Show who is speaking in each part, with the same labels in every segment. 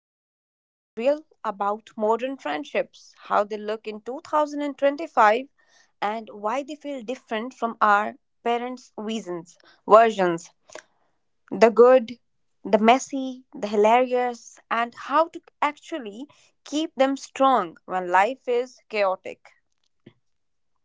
Speaker 1: Today we are getting real about modern friendships, how they look in 2025, and why they feel different from our parents' versions. The good, the messy, the hilarious, and how to actually keep them strong when life is chaotic.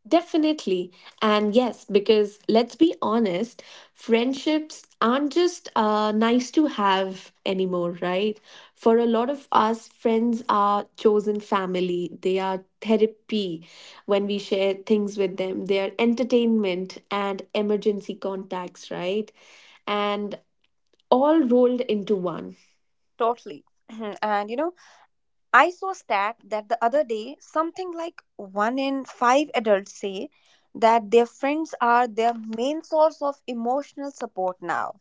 Speaker 2: Definitely. And yes, because let's be honest, friendships aren't just nice to have anymore, right? For a lot of us, friends are chosen family, they are therapy when we share things with them, they are entertainment and emergency contacts, right? And all rolled into one.
Speaker 1: Totally. and you know, I saw a stat that the other day something like one in five adults say that their friends are their main source of emotional support now,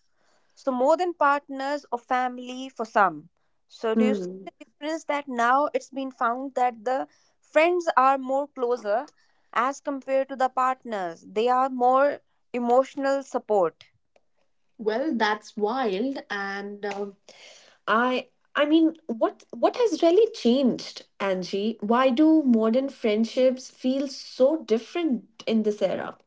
Speaker 1: so more than partners or family for some. So do you see
Speaker 2: Hmm.
Speaker 1: the difference that now it's been found that the friends are more closer as compared to the partners? They are more emotional support.
Speaker 2: Well, that's wild. And I I mean, what has really changed, Angie? Why do modern friendships feel so different in this era?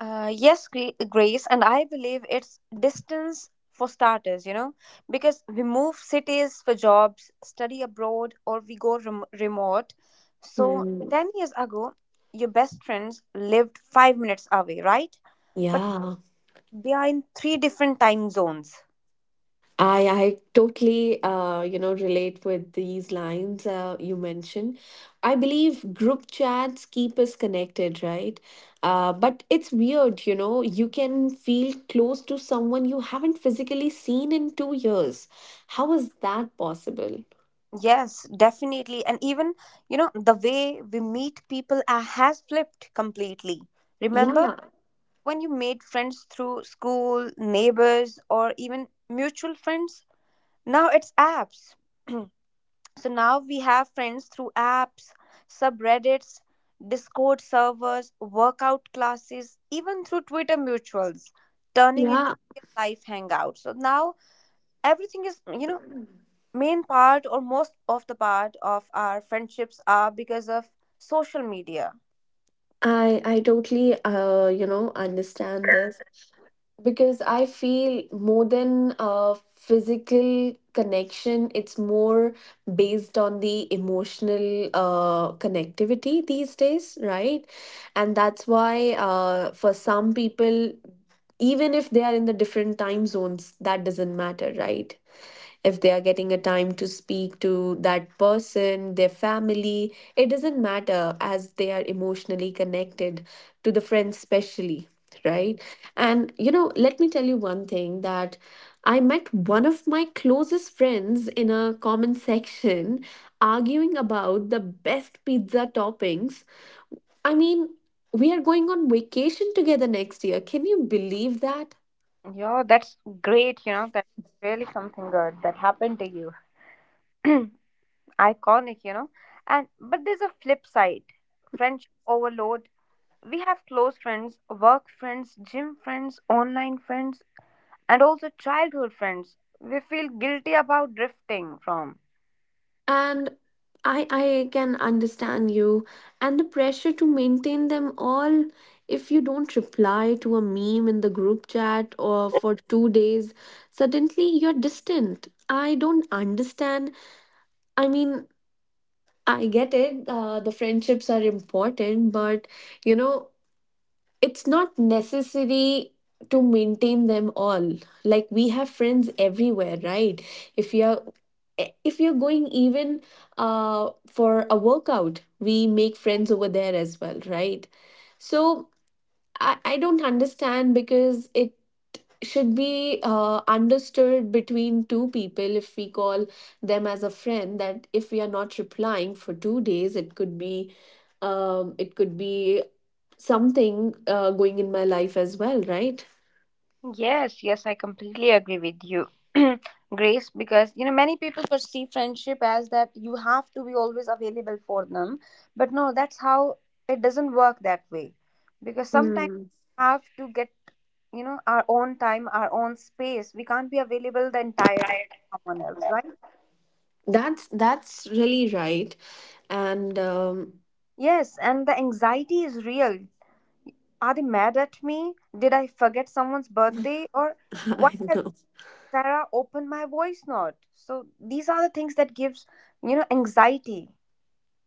Speaker 1: Yes, Grace, and I believe it's distance for starters, you know, because we move cities for jobs, study abroad, or we go remote. So,
Speaker 2: Hmm.
Speaker 1: 10 years ago, your best friends lived 5 minutes away, right? But
Speaker 2: Yeah,
Speaker 1: they are in three different time zones.
Speaker 2: I totally relate with these lines you mentioned. I believe group chats keep us connected, right? But it's weird, you know. You can feel close to someone you haven't physically seen in 2 years. How is that possible?
Speaker 1: Yes, definitely. And even, you know, the way we meet people has flipped completely. Remember
Speaker 2: Yeah,
Speaker 1: when you made friends through school, neighbors, or even mutual friends. Now it's apps. So now we have friends through apps, subreddits, Discord servers, workout classes, even through Twitter mutuals, turning into
Speaker 2: yeah.
Speaker 1: real life hangouts. So now everything is, you know, main part or most of the part of our friendships are because of social media.
Speaker 2: I totally understand this because I feel more than a physical connection, it's more based on the emotional connectivity these days, right? And that's why for some people, even if they are in the different time zones, that doesn't matter, right? If they are getting a time to speak to that person, their family, it doesn't matter as they are emotionally connected to the friends specially, right? And you know, let me tell you one thing, that I met one of my closest friends in a comment section arguing about the best pizza toppings. I mean, we are going on vacation together next year. Can you believe that?
Speaker 1: Yeah, that's great. You know, that's really something good that happened to you. Iconic, you know. And but there's a flip side. Friendship overload. We have close friends, work friends, gym friends, online friends, and also childhood friends we feel guilty about drifting from.
Speaker 2: And I can understand you, and the pressure to maintain them all. If you don't reply to a meme in the group chat or for 2 days, suddenly you're distant. I don't understand. I mean, I get it. The friendships are important, but you know, it's not necessary to maintain them all. Like, we have friends everywhere, right? If you're if you're going, even for a workout, we make friends over there as well, right? So I don't understand, because it should be understood between two people, if we call them as a friend, that if we are not replying for 2 days, it could be something going in my life as well, right?
Speaker 1: Yes, I completely agree with you, Grace, because you know many people perceive friendship as that you have to be always available for them, but no, that's how it doesn't work that way, because sometimes
Speaker 2: Mm.
Speaker 1: we have to get, you know, our own time, our own space. We can't be available the entire time for someone else, right?
Speaker 2: That's really right. And
Speaker 1: Yes, and the anxiety is real. Are they mad at me? Did I forget someone's birthday? Or why
Speaker 2: I
Speaker 1: has
Speaker 2: know.
Speaker 1: Sarah, open my voice note? So these are the things that gives, you know, anxiety.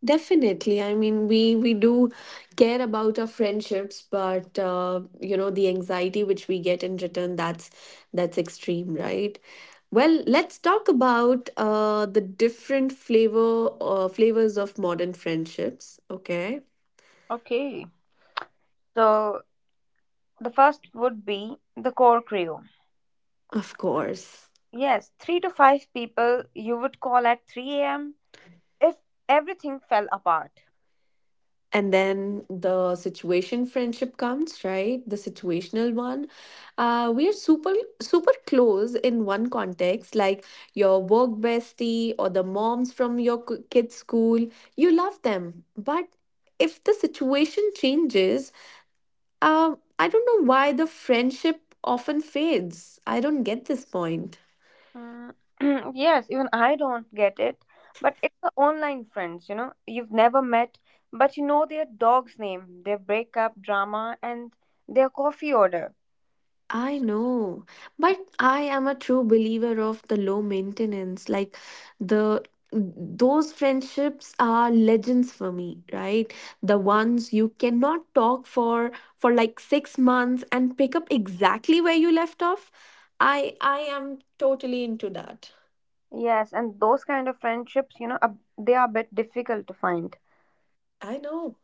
Speaker 2: Definitely. I mean, we do care about our friendships, but you know, the anxiety which we get in return, that's extreme, right? Well, let's talk about the different flavors of modern friendships. Okay,
Speaker 1: Okay. So the first would be the core crew.
Speaker 2: of course.
Speaker 1: Yes, three to five people you would call at 3 a.m. if everything fell apart.
Speaker 2: And then the situation friendship comes, right? The situational one. We are super, super close in one context, like your work bestie or the moms from your kids school. You love them, but if the situation changes, I don't know why the friendship often fades. I don't get this point.
Speaker 1: Mm, yes, even I don't get it. But it's the online friends, you know, you've never met, but you know their dog's name, their breakup drama, and their coffee order.
Speaker 2: I know, but I am a true believer of the low maintenance. Like, the those friendships are legends for me, right? The ones you cannot talk for like 6 months and pick up exactly where you left off. I am totally into that.
Speaker 1: Yes, and those kind of friendships, you know, they are a bit difficult to find.
Speaker 2: I know.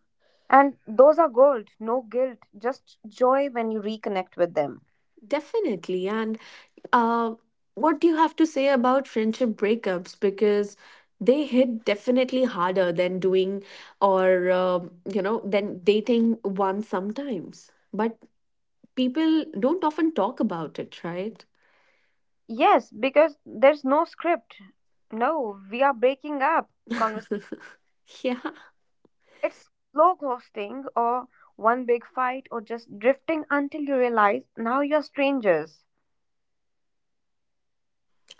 Speaker 1: And those are gold, no guilt, just joy when you reconnect with them.
Speaker 2: Definitely. And uh, what do you have to say about friendship breakups? Because they hit definitely harder than doing or, you know, than dating one sometimes. But people don't often talk about it, right?
Speaker 1: Yes, because there's no script. No, we are breaking up. Convers-
Speaker 2: Yeah.
Speaker 1: it's slow ghosting or one big fight or just drifting until you realize now you're strangers.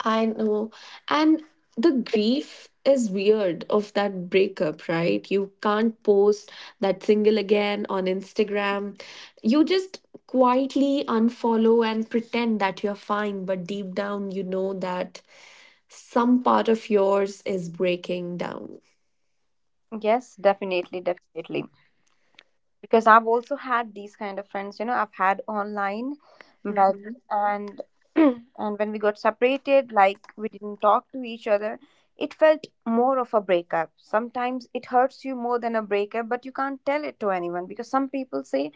Speaker 2: I know. And the grief is weird of that breakup, right? You can't post that single again on Instagram. You just quietly unfollow and pretend that you're fine, but deep down, you know that some part of yours is breaking down.
Speaker 1: Yes, definitely, definitely, because I've also had these kind of friends, you know, I've had online, but,
Speaker 2: Mhm.
Speaker 1: and and when we got separated, like we didn't talk to each other, it felt more of a breakup. Sometimes it hurts you more than a breakup, but you can't tell it to anyone because some people say,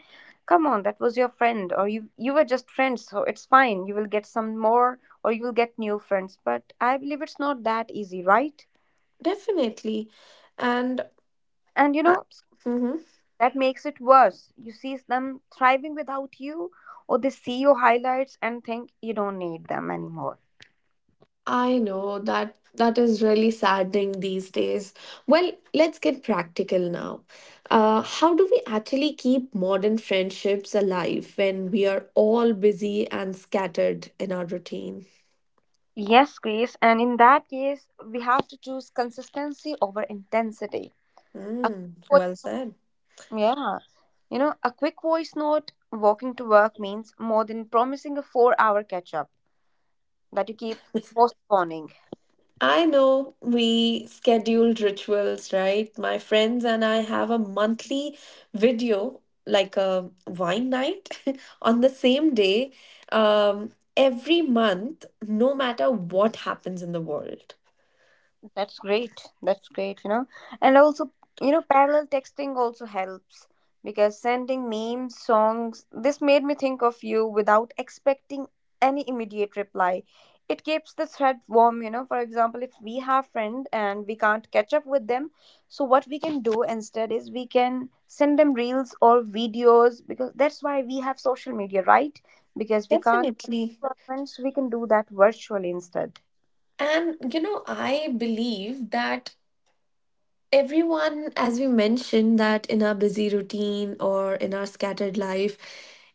Speaker 1: "Come on, that was your friend," or "You were just friends, so it's fine. You will get some more, or you will get new friends." But I believe it's not that easy, right?
Speaker 2: Definitely. And
Speaker 1: And you
Speaker 2: I-
Speaker 1: know,
Speaker 2: Mhm.
Speaker 1: that makes it worse. You see them thriving without you, or they see your highlights and think you don't need them anymore.
Speaker 2: I know that that is really saddening these days. Well, let's get practical now. How do we actually keep modern friendships alive when we are all busy and scattered in our routine?
Speaker 1: Yes, Grace, and in that case, we have to choose consistency over intensity. A
Speaker 2: Mm,
Speaker 1: quick
Speaker 2: well said.
Speaker 1: voice, yeah, you know, a quick voice note walking to work means more than promising a 4 hour catch up that you keep postponing.
Speaker 2: I know, we scheduled rituals, right? My friends and I have a monthly video, like a wine night, on the same day, every month, no matter what happens in the world.
Speaker 1: That's great. That's great, you know. And also, you know, parallel texting also helps because sending memes, songs, this made me think of you without expecting any immediate reply. It keeps the thread warm, you know. For example, if we have friend and we can't catch up with them, so what we can do instead is we can send them reels or videos because that's why we have social media, right? Because we can't
Speaker 2: Definitely.
Speaker 1: friends, we can do that virtually instead.
Speaker 2: And you know, I believe that everyone, as we mentioned, that in our busy routine or in our scattered life,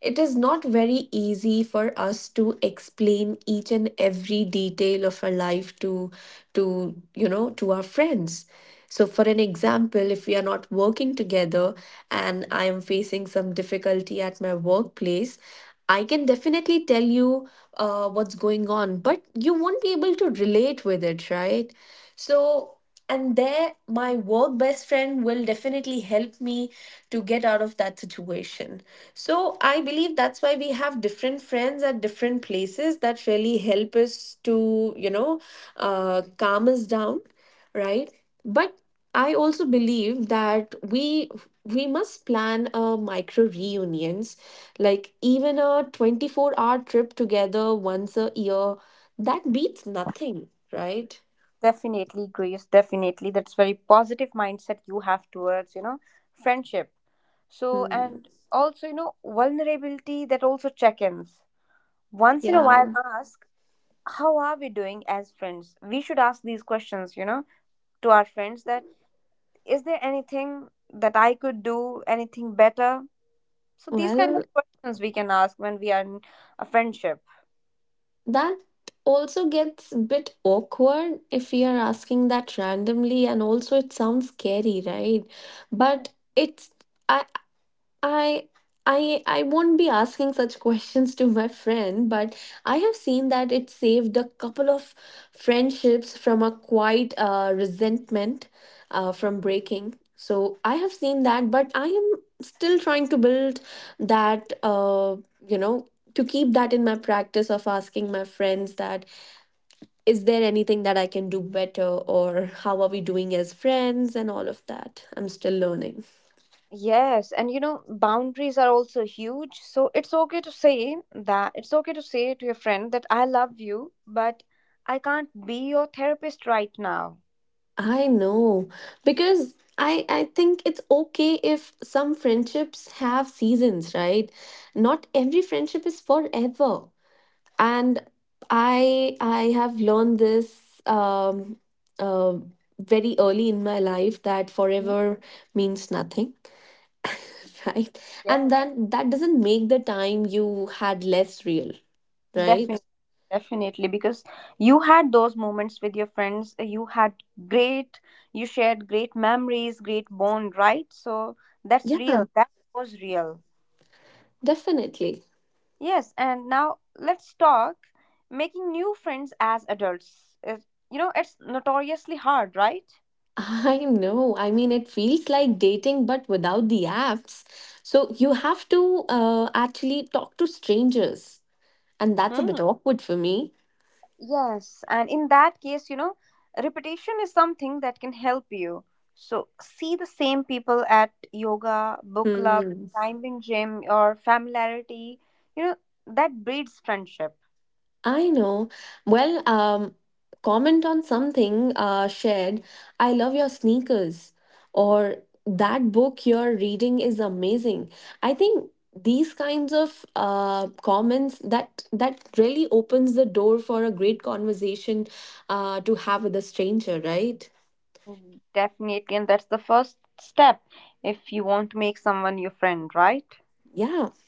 Speaker 2: it is not very easy for us to explain each and every detail of our life to you know, to our friends. So, for an example, if we are not working together and I am facing some difficulty at my workplace, I can definitely tell you what's going on, but you won't be able to relate with it, right? So, and there my work best friend will definitely help me to get out of that situation. So I believe that's why we have different friends at different places, that really help us to you know, calm us down, right? But I also believe that we must plan a micro reunions, like even a 24-hour hour trip together once a year. That beats nothing, right?
Speaker 1: Definitely, Grace. Definitely. That's very positive mindset you have towards, you know, friendship. So,
Speaker 2: Hmm.
Speaker 1: and also, you know, vulnerability that also check ins. Once in a
Speaker 2: Yeah.
Speaker 1: while, ask how are we doing as friends. We should ask these questions, you know, to our friends that is there anything that I could do anything better. So these kind of
Speaker 2: Well,
Speaker 1: questions we can ask when we are in a friendship.
Speaker 2: that also gets a bit awkward if we are asking that randomly, and also it sounds scary, right? But it's I I I won't be asking such questions to my friend, but I have seen that it saved a couple of friendships from a quiet resentment, from breaking. So I have seen that, but I am still trying to build that. You know, to keep that in my practice of asking my friends that is there anything that I can do better, or how are we doing as friends, and all of that. I'm still learning.
Speaker 1: Yes, and you know boundaries are also huge, so it's okay to say that, it's okay to say to your friend that I love you but I can't be your therapist right now.
Speaker 2: I know, because I think it's okay if some friendships have seasons, right? Not every friendship is forever. And I have learned this uh, very early in my life, that
Speaker 1: Mhm.
Speaker 2: forever means nothing. Right? And
Speaker 1: Yes,
Speaker 2: then that doesn't make the time you had less real, right?
Speaker 1: definitely. Definitely, because you had those moments with your friends. You had great, you shared great memories, great bond, right? So that's real.
Speaker 2: Yeah,
Speaker 1: That was real.
Speaker 2: definitely.
Speaker 1: Yes, and now let's talk making new friends as adults. You know, it's notoriously hard, right?
Speaker 2: I know. I mean, it feels like dating, but without the apps. So you have to actually talk to strangers, and that's a
Speaker 1: Hmm.
Speaker 2: bit awkward for me.
Speaker 1: Yes, and in that case, you know, repetition is something that can help you. So see the same people at yoga, book club,
Speaker 2: Hmm.
Speaker 1: time in gym, or familiarity, you know, that breeds friendship.
Speaker 2: I know. Well, comment on something shared. I love your sneakers, or that book you're reading is amazing. I think these kinds of comments that really opens the door for a great conversation to have with a stranger, right?
Speaker 1: Mm, definitely, and that's the first step if you want to make someone your friend, right?
Speaker 2: Yeah.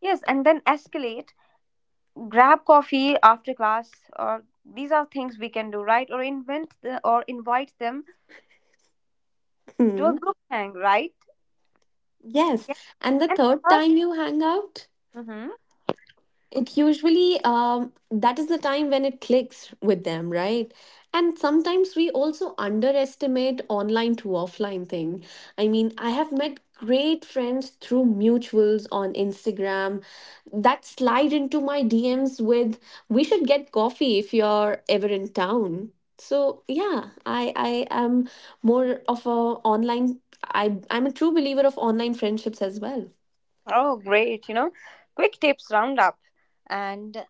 Speaker 1: Yes, and then escalate. Grab coffee after class, or these are things we can do, right? Or invent the, or invite them to a
Speaker 2: Hmm.
Speaker 1: group hang, right?
Speaker 2: Yes.
Speaker 1: Yeah,
Speaker 2: And the
Speaker 1: and
Speaker 2: third time you hang out,
Speaker 1: Mhm.
Speaker 2: it usually that is the time when it clicks with them, right? And sometimes we also underestimate online to offline thing. I mean, I have met great friends through mutuals on Instagram that slide into my DMs with, we should get coffee if you're ever in town. So yeah, I am more of a online, I'm a true believer of online friendships as well.
Speaker 1: Oh, great. You know, quick tips roundup and,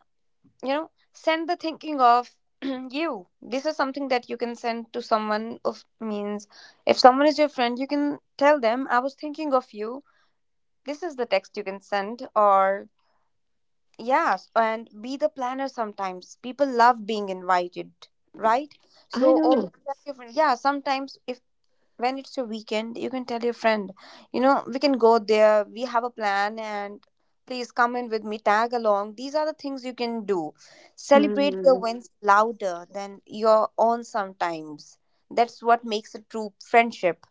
Speaker 1: you know, send the thinking of you. This is something that you can send to someone of means if someone is your friend, you can tell them, I was thinking of you. This is the text you can send. Or yes, and be the planner sometimes. People love being invited, right?
Speaker 2: I
Speaker 1: So
Speaker 2: know.
Speaker 1: always tell your friend, yeah, sometimes if when it's a weekend you can tell your friend, you know, we can go there, we have a plan and please come in with me, tag along. These are the things you can do. Celebrate your wins louder than your own sometimes. That's what makes a true friendship.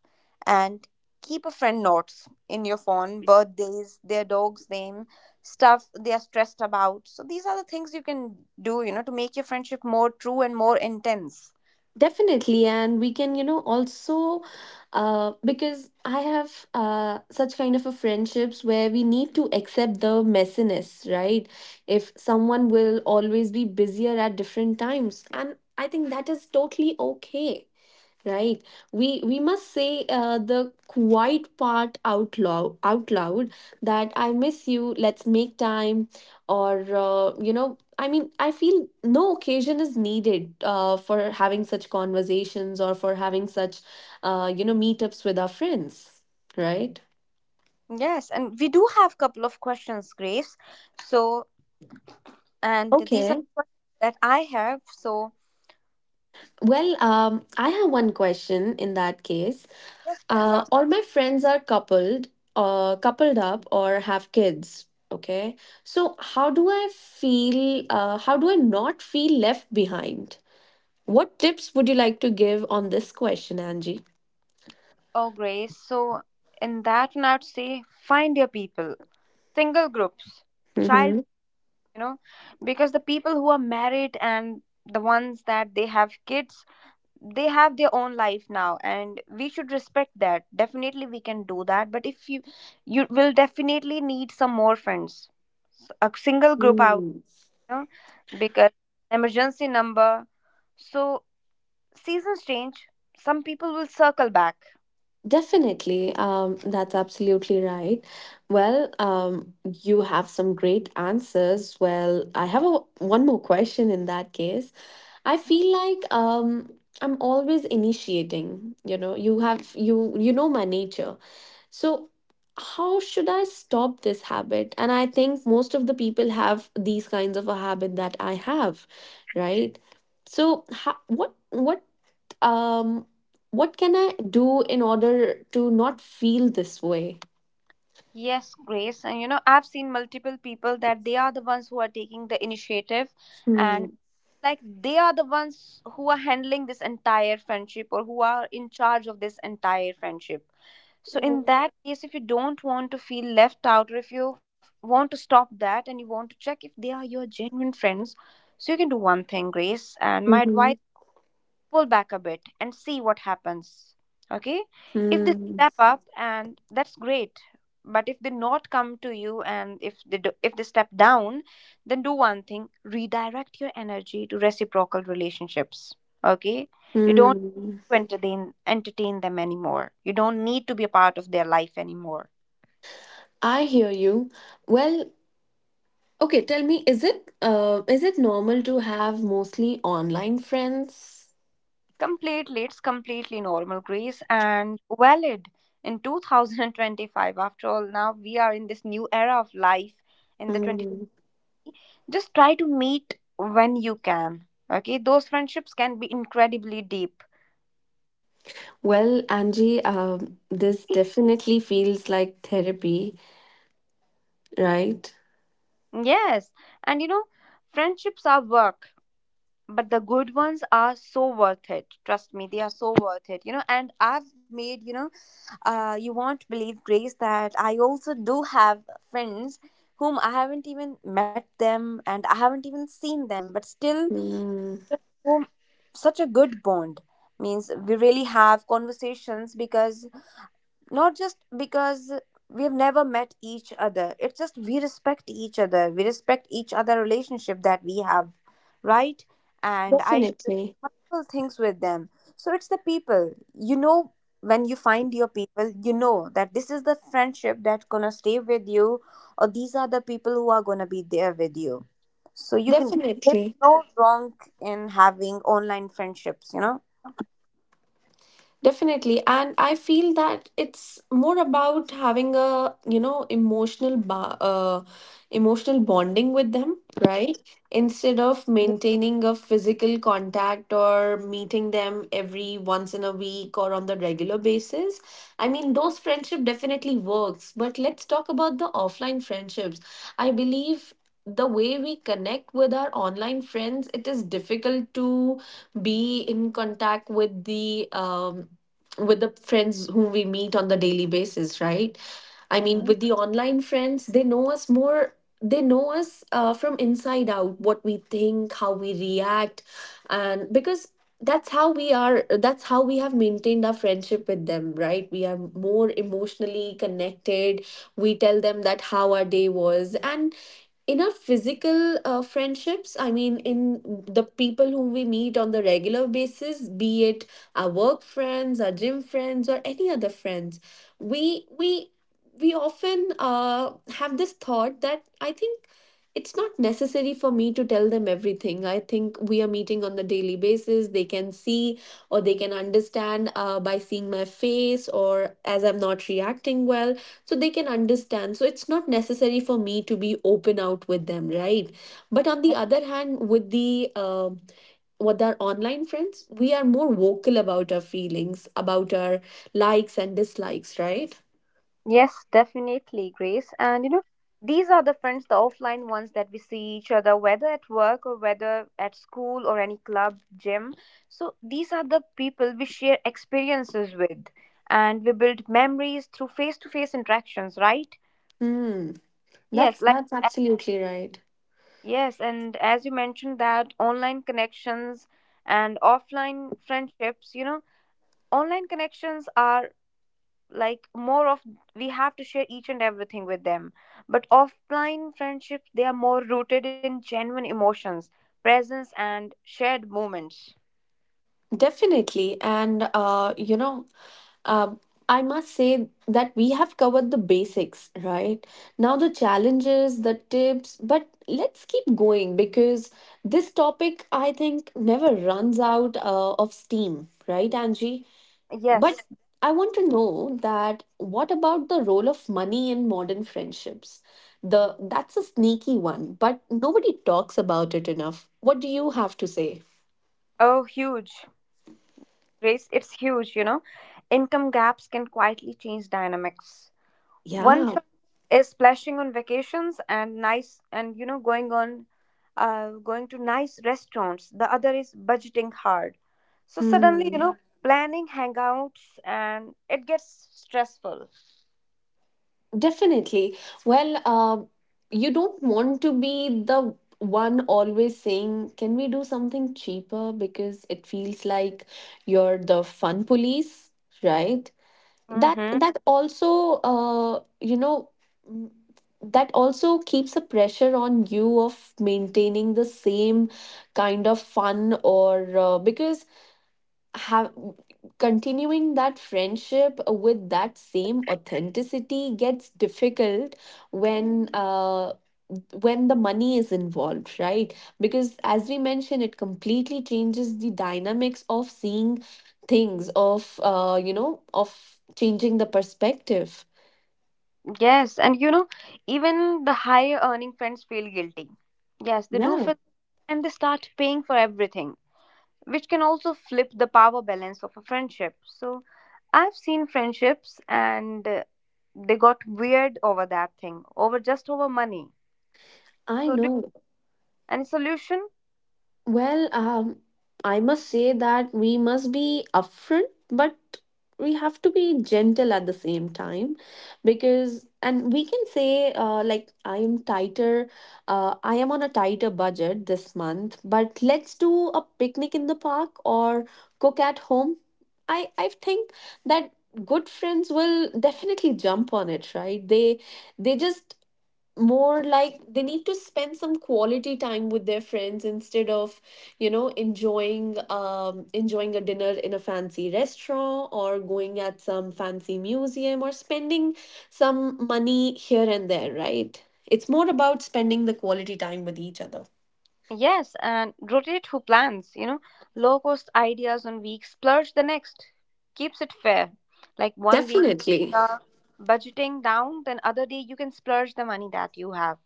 Speaker 1: And keep a friend notes in your phone, birthdays, their dog's name, stuff they are stressed about. So these are the things you can do, you know, to make your friendship more true and more intense.
Speaker 2: Definitely, and we can, you know, also because I have such kind of a friendships where we need to accept the messiness, right? If someone will always be busier at different times, and I think that is totally okay. Right. We must say the quiet part out loud that I miss you, let's make time, or you know, I mean, I feel no occasion is needed for having such conversations or for having such you know, meetups with our friends, right?
Speaker 1: Yes, and we do have a couple of questions, Grace. So, and these are
Speaker 2: Okay.
Speaker 1: questions that I have. So,
Speaker 2: Well, I have one question in that case. Uh,
Speaker 1: disaster
Speaker 2: all my friends are coupled, uh, coupled up, or have kids. Okay, so how do I feel? How do I not feel left behind? What tips would you like to give on this question, Angie?
Speaker 1: or Grace. So, in that one, I would say find your people, single groups, child,
Speaker 2: Mm-hmm.
Speaker 1: you know, because the people who are married and the ones that they have kids, they have their own life now, and we should respect that. Definitely, we can do that, but if you, you will definitely need some more friends. A single group, I know, because emergency number. So seasons change. Some people will circle back.
Speaker 2: Definitely, that's absolutely right. Well, you have some great answers. Well, I have a, one more question in that case. I feel like I'm always initiating, you know, you have you know my nature. So how should I stop this habit? And I think most of the people have these kinds of a habit that I have, right? So how, um what can I do in order to not feel this way?
Speaker 1: Yes, Grace. And you know, I've seen multiple people that they are the ones who are taking the initiative and
Speaker 2: Hmm.
Speaker 1: like they are the ones who are handling this entire friendship or who are in charge of this entire friendship. So,
Speaker 2: Yeah.
Speaker 1: in that case, if you don't want to feel left out or if you want to stop that and you want to check if they are your genuine friends, so you can do one thing, Grace. And my advice,
Speaker 2: Mm-hmm.
Speaker 1: pull back a bit and see what happens. Okay? If they
Speaker 2: Hmm.
Speaker 1: step up and that's great. But if they not come to you and if they do, if they step down, then do one thing, redirect your energy to reciprocal relationships. Okay? You don't
Speaker 2: Hmm.
Speaker 1: entertain them anymore. You don't need to be a part of their life anymore.
Speaker 2: I hear you. Well, okay, tell me, is it normal to have mostly online friends?
Speaker 1: Completely, it's completely normal, Grace, and valid in 2025. After all, now we are in this new era of life in the
Speaker 2: Mm.
Speaker 1: just try to meet when you can. Okay, those friendships can be incredibly deep.
Speaker 2: Well, Angie, this definitely feels like therapy, right?
Speaker 1: Yes, and friendships are work, but the good ones are so worth it. Trust me, they are so worth it. And I've made you know you won't believe, Grace, that I also do have friends whom I haven't even met them, and I haven't even seen them, but still,
Speaker 2: Mm.
Speaker 1: whom- such a good bond means we really have conversations, because not just because we have never met each other. It's just we respect each other relationship that we have, right? And I share
Speaker 2: Definitely.
Speaker 1: multiple things with them. So it's the people, when you find your people, you know that this is the friendship that gonna stay with you, or these are the people who are gonna be there with you. So you can There's
Speaker 2: Definitely.
Speaker 1: no wrong in having online friendships.
Speaker 2: Definitely. And I feel that it's more about having a, you know, emotional bonding with them, right? Instead of maintaining a physical contact or meeting them every once in a week or on the regular basis. I mean, those friendship definitely works, but let's talk about the offline friendships. I believe the way we connect with our online friends, it is difficult to be in contact with the friends whom we meet on the daily basis, right? I mean,
Speaker 1: Mhm.
Speaker 2: with the online friends, they know us more. They know us from inside out, what we think, how we react, and because that's how we are. That's how we have maintained our friendship with them, right? We are more emotionally connected. We tell them that how our day was, and in our physical friendships, I mean, in the people whom we meet on the regular basis, be it our work friends, our gym friends, or any other friends, we we we often have this thought that I think it's not necessary for me to tell them everything. I think we are meeting on the daily basis. They can see or they can understand by seeing my face or as I'm not reacting well. So they can understand. So it's not necessary for me to be open out with them, right? But on the other hand, with the with our online friends, we are more vocal about our feelings, about our likes and dislikes, right?
Speaker 1: Yes, definitely, Grace. And these are the friends, the offline ones that we see each other, whether at work or whether at school or any club, gym. So these are the people we share experiences with, and we build memories through face to face interactions, right?
Speaker 2: Hmm. That's
Speaker 1: Yes, like
Speaker 2: that's
Speaker 1: a-
Speaker 2: absolutely right.
Speaker 1: yes, and as you mentioned, that online connections and offline friendships, online connections are like more of we have to share each and everything with them, but offline friendships, they are more rooted in genuine emotions, presence and shared moments.
Speaker 2: Definitely, and you know, um, I must say that we have covered the basics, right? Now the challenges, the tips, but let's keep going because this topic, I think, never runs out of steam, right, Angie? But
Speaker 1: Yes.
Speaker 2: I want to know that what about the role of money in modern friendships? The That's a sneaky one, but nobody talks about it enough. What do you have to say?
Speaker 1: Oh, huge, Grace, it's huge. Income gaps can quietly change dynamics. One
Speaker 2: Yeah,
Speaker 1: friend is splashing on vacations and going to nice restaurants. The other is budgeting hard. So suddenly,
Speaker 2: mm,
Speaker 1: yeah, planning hangouts and it gets stressful.
Speaker 2: definitely. Well, you don't want to be the one always saying, can we do something cheaper? Because it feels like you're the fun police, right? That
Speaker 1: Mm-hmm.
Speaker 2: that also you know, mm, that also keeps a pressure on you of maintaining the same kind of fun or because have continuing that friendship with that same authenticity gets difficult when when the money is involved, right? Because as we mentioned, it completely changes the dynamics of seeing things, of you know, of changing the perspective.
Speaker 1: Yes, and even the higher earning friends feel guilty. Yes, they do
Speaker 2: Yeah,
Speaker 1: feel, and they start paying for everything, which can also flip the power balance of a friendship. So I've seen friendships and they got weird over that thing, over money.
Speaker 2: I
Speaker 1: So do,
Speaker 2: know.
Speaker 1: any solution?
Speaker 2: Well, I must say that we must be upfront, but we have to be gentle at the same time because, and we can say, like, I am I am on a tighter budget this month, but let's do a picnic in the park or cook at home. I think that good friends will definitely jump on it, right? They just more like they need to spend some quality time with their friends instead of, you know, enjoying enjoying a dinner in a fancy restaurant or going at some fancy museum or spending some money here and there, right? It's more about spending the quality time with each other.
Speaker 1: Yes, and rotate who plans, low cost ideas one week, splurge the next. Keeps it fair. Like one week
Speaker 2: Definitely.
Speaker 1: uh, budgeting down, then other day you can splurge the money that you have.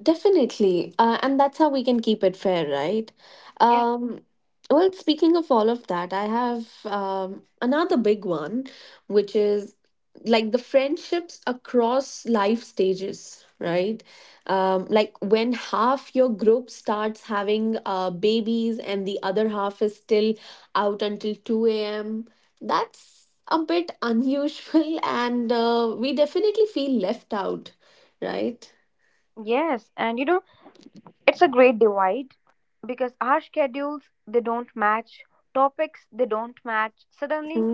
Speaker 2: Definitely. And that's how we can keep it fair, right?
Speaker 1: Yeah.
Speaker 2: Um, well, speaking of all of that, I have another big one, which is like the friendships across life stages, right? Like when half your group starts having babies and the other half is still out until 2 a.m., that's a bit unusual, and we definitely feel left out, right?
Speaker 1: Yes, and it's a great divide because our schedules, they don't match, topics they don't match. Suddenly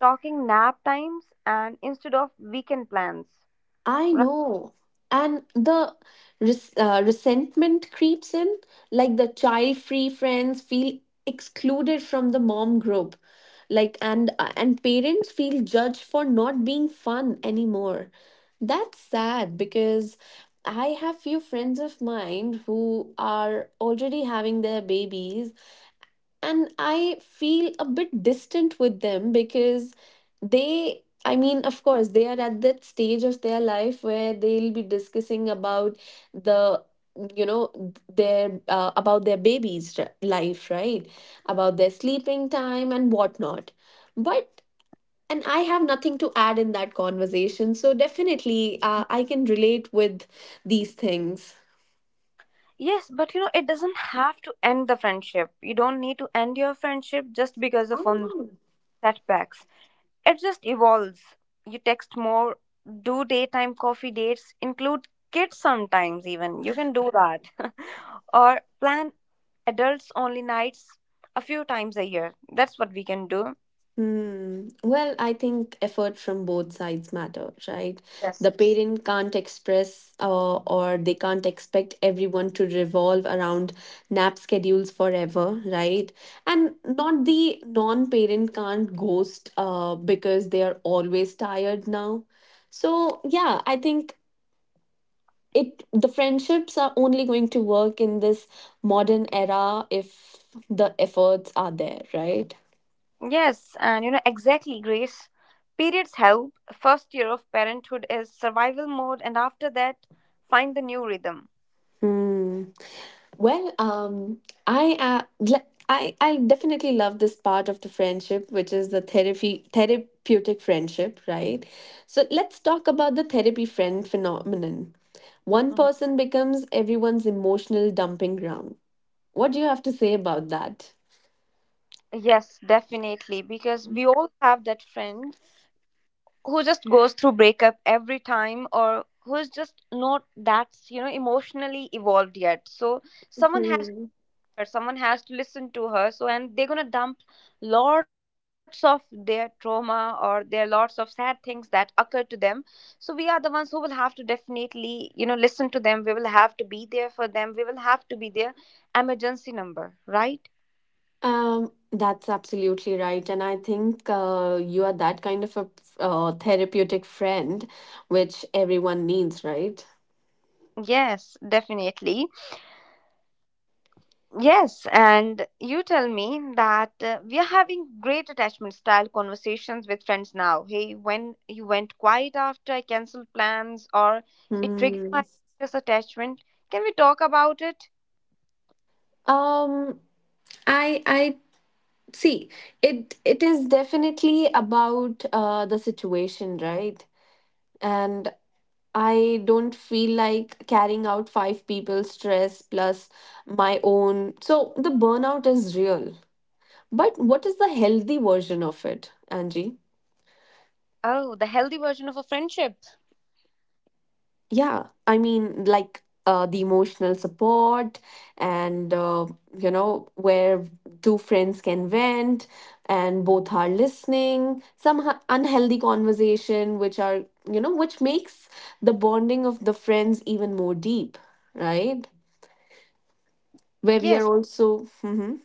Speaker 1: talking nap times and instead of weekend plans,
Speaker 2: I
Speaker 1: right?
Speaker 2: know. And the resentment creeps in, like the child free friends feel excluded from the mom group. Like and parents feel judged for not being fun anymore. That's sad because I have few friends of mine who are already having their babies and I feel a bit distant with them because they, I mean, of course, they are at that stage of their life where they'll be discussing about the, you know, their about their life, right? About their sleeping time and whatnot. But and I have nothing to add in that conversation, so definitely, I can relate with these things.
Speaker 1: Yes, but it doesn't have to end the friendship. You don't need to end your friendship just because
Speaker 2: I
Speaker 1: of on
Speaker 2: don't know.
Speaker 1: setbacks. It just evolves. You text more, do daytime coffee dates, include kids sometimes, even you can do that or plan adults only nights a few times a year. That's what we can do.
Speaker 2: Hmm. Well, I think effort from both sides matter, right?
Speaker 1: Yes.
Speaker 2: The parent can't express or they can't expect everyone to revolve around nap schedules forever, right? And not the non-parent can't ghost because they are always tired now. So yeah, I think it the friendships are only going to work in this modern era if the efforts are there, right?
Speaker 1: Yes, and you know exactly, Grace. Periods help. First year of parenthood is survival mode, and after that, find the new rhythm.
Speaker 2: Hmm. Well, I uh, le- I definitely love this part of the friendship, which is the therapy therapeutic friendship, right? So let's talk about the therapy friend phenomenon. One
Speaker 1: Mhm.
Speaker 2: person becomes everyone's emotional dumping ground. What do you have to say about that?
Speaker 1: Yes, definitely, because we all have that friend who just goes through breakup every time, or who's just not that emotionally evolved yet. So someone has
Speaker 2: Hmm.
Speaker 1: someone has to listen to her. And they're going to dump lots of their trauma or their lots of sad things that occur to them. So we are the ones who will have to definitely listen to them. We will have to be there for them, we will have to be their emergency number, right?
Speaker 2: That's absolutely right, and I think you are that kind of a therapeutic friend, which everyone needs, right?
Speaker 1: Yes, definitely. Yes, and you tell me that we are having great attachment style conversations with friends now. Hey, when you went quiet after I canceled plans, or it triggered
Speaker 2: Hmm.
Speaker 1: my anxious attachment, can we talk about it?
Speaker 2: Um, I see, it is definitely about the situation, right? And I don't feel like carrying out 5 people's stress plus my own. So the burnout is real. But what is the healthy version of it, Angie?
Speaker 1: Oh, the healthy version of a friendship.
Speaker 2: Yeah, I mean, like the emotional support, and you know, where two friends can vent and both are listening, some unhealthy conversation, which are, you know, which makes the bonding of the friends even more deep, right? Where we are
Speaker 1: Yes,
Speaker 2: also, mhm.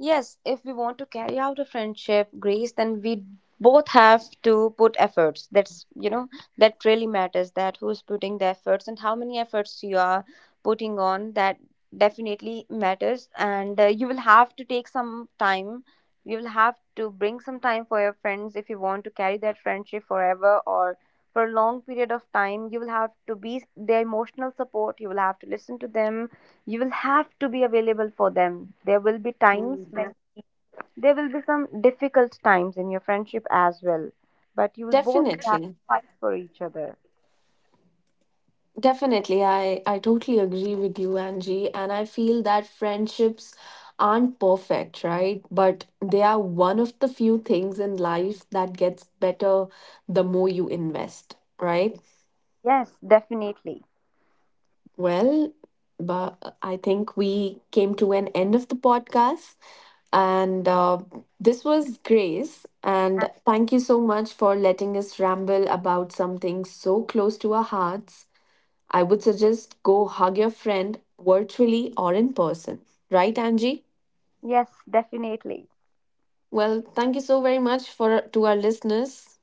Speaker 1: yes, if we want to carry out a friendship, Grace, then we both have to put efforts. That's, you know, that really matters, that who's putting the efforts and how many efforts you are putting on. That definitely matters. And you will have to take some time. You will have to bring some time for your friends if you want to carry that friendship forever or for a long period of time. You will have to be their emotional support. You will have to listen to them, you will have to be available for them. There will be times
Speaker 2: Mm,
Speaker 1: when there will be some difficult times in your friendship as well, but you will both have
Speaker 2: definitely.
Speaker 1: to fight for each other.
Speaker 2: Definitely, I totally agree with you, Angie. And I feel that friendships aren't perfect, right? But they are one of the few things in life that gets better the more you invest, right?
Speaker 1: Yes, definitely.
Speaker 2: Well, but I think we came to an end of the podcast. And this was Grace. And thank you so much for letting us ramble about something so close to our hearts. I would suggest go hug your friend virtually or in person. Right, Angie?
Speaker 1: Yes, definitely.
Speaker 2: Well, thank you so very much for to our listeners.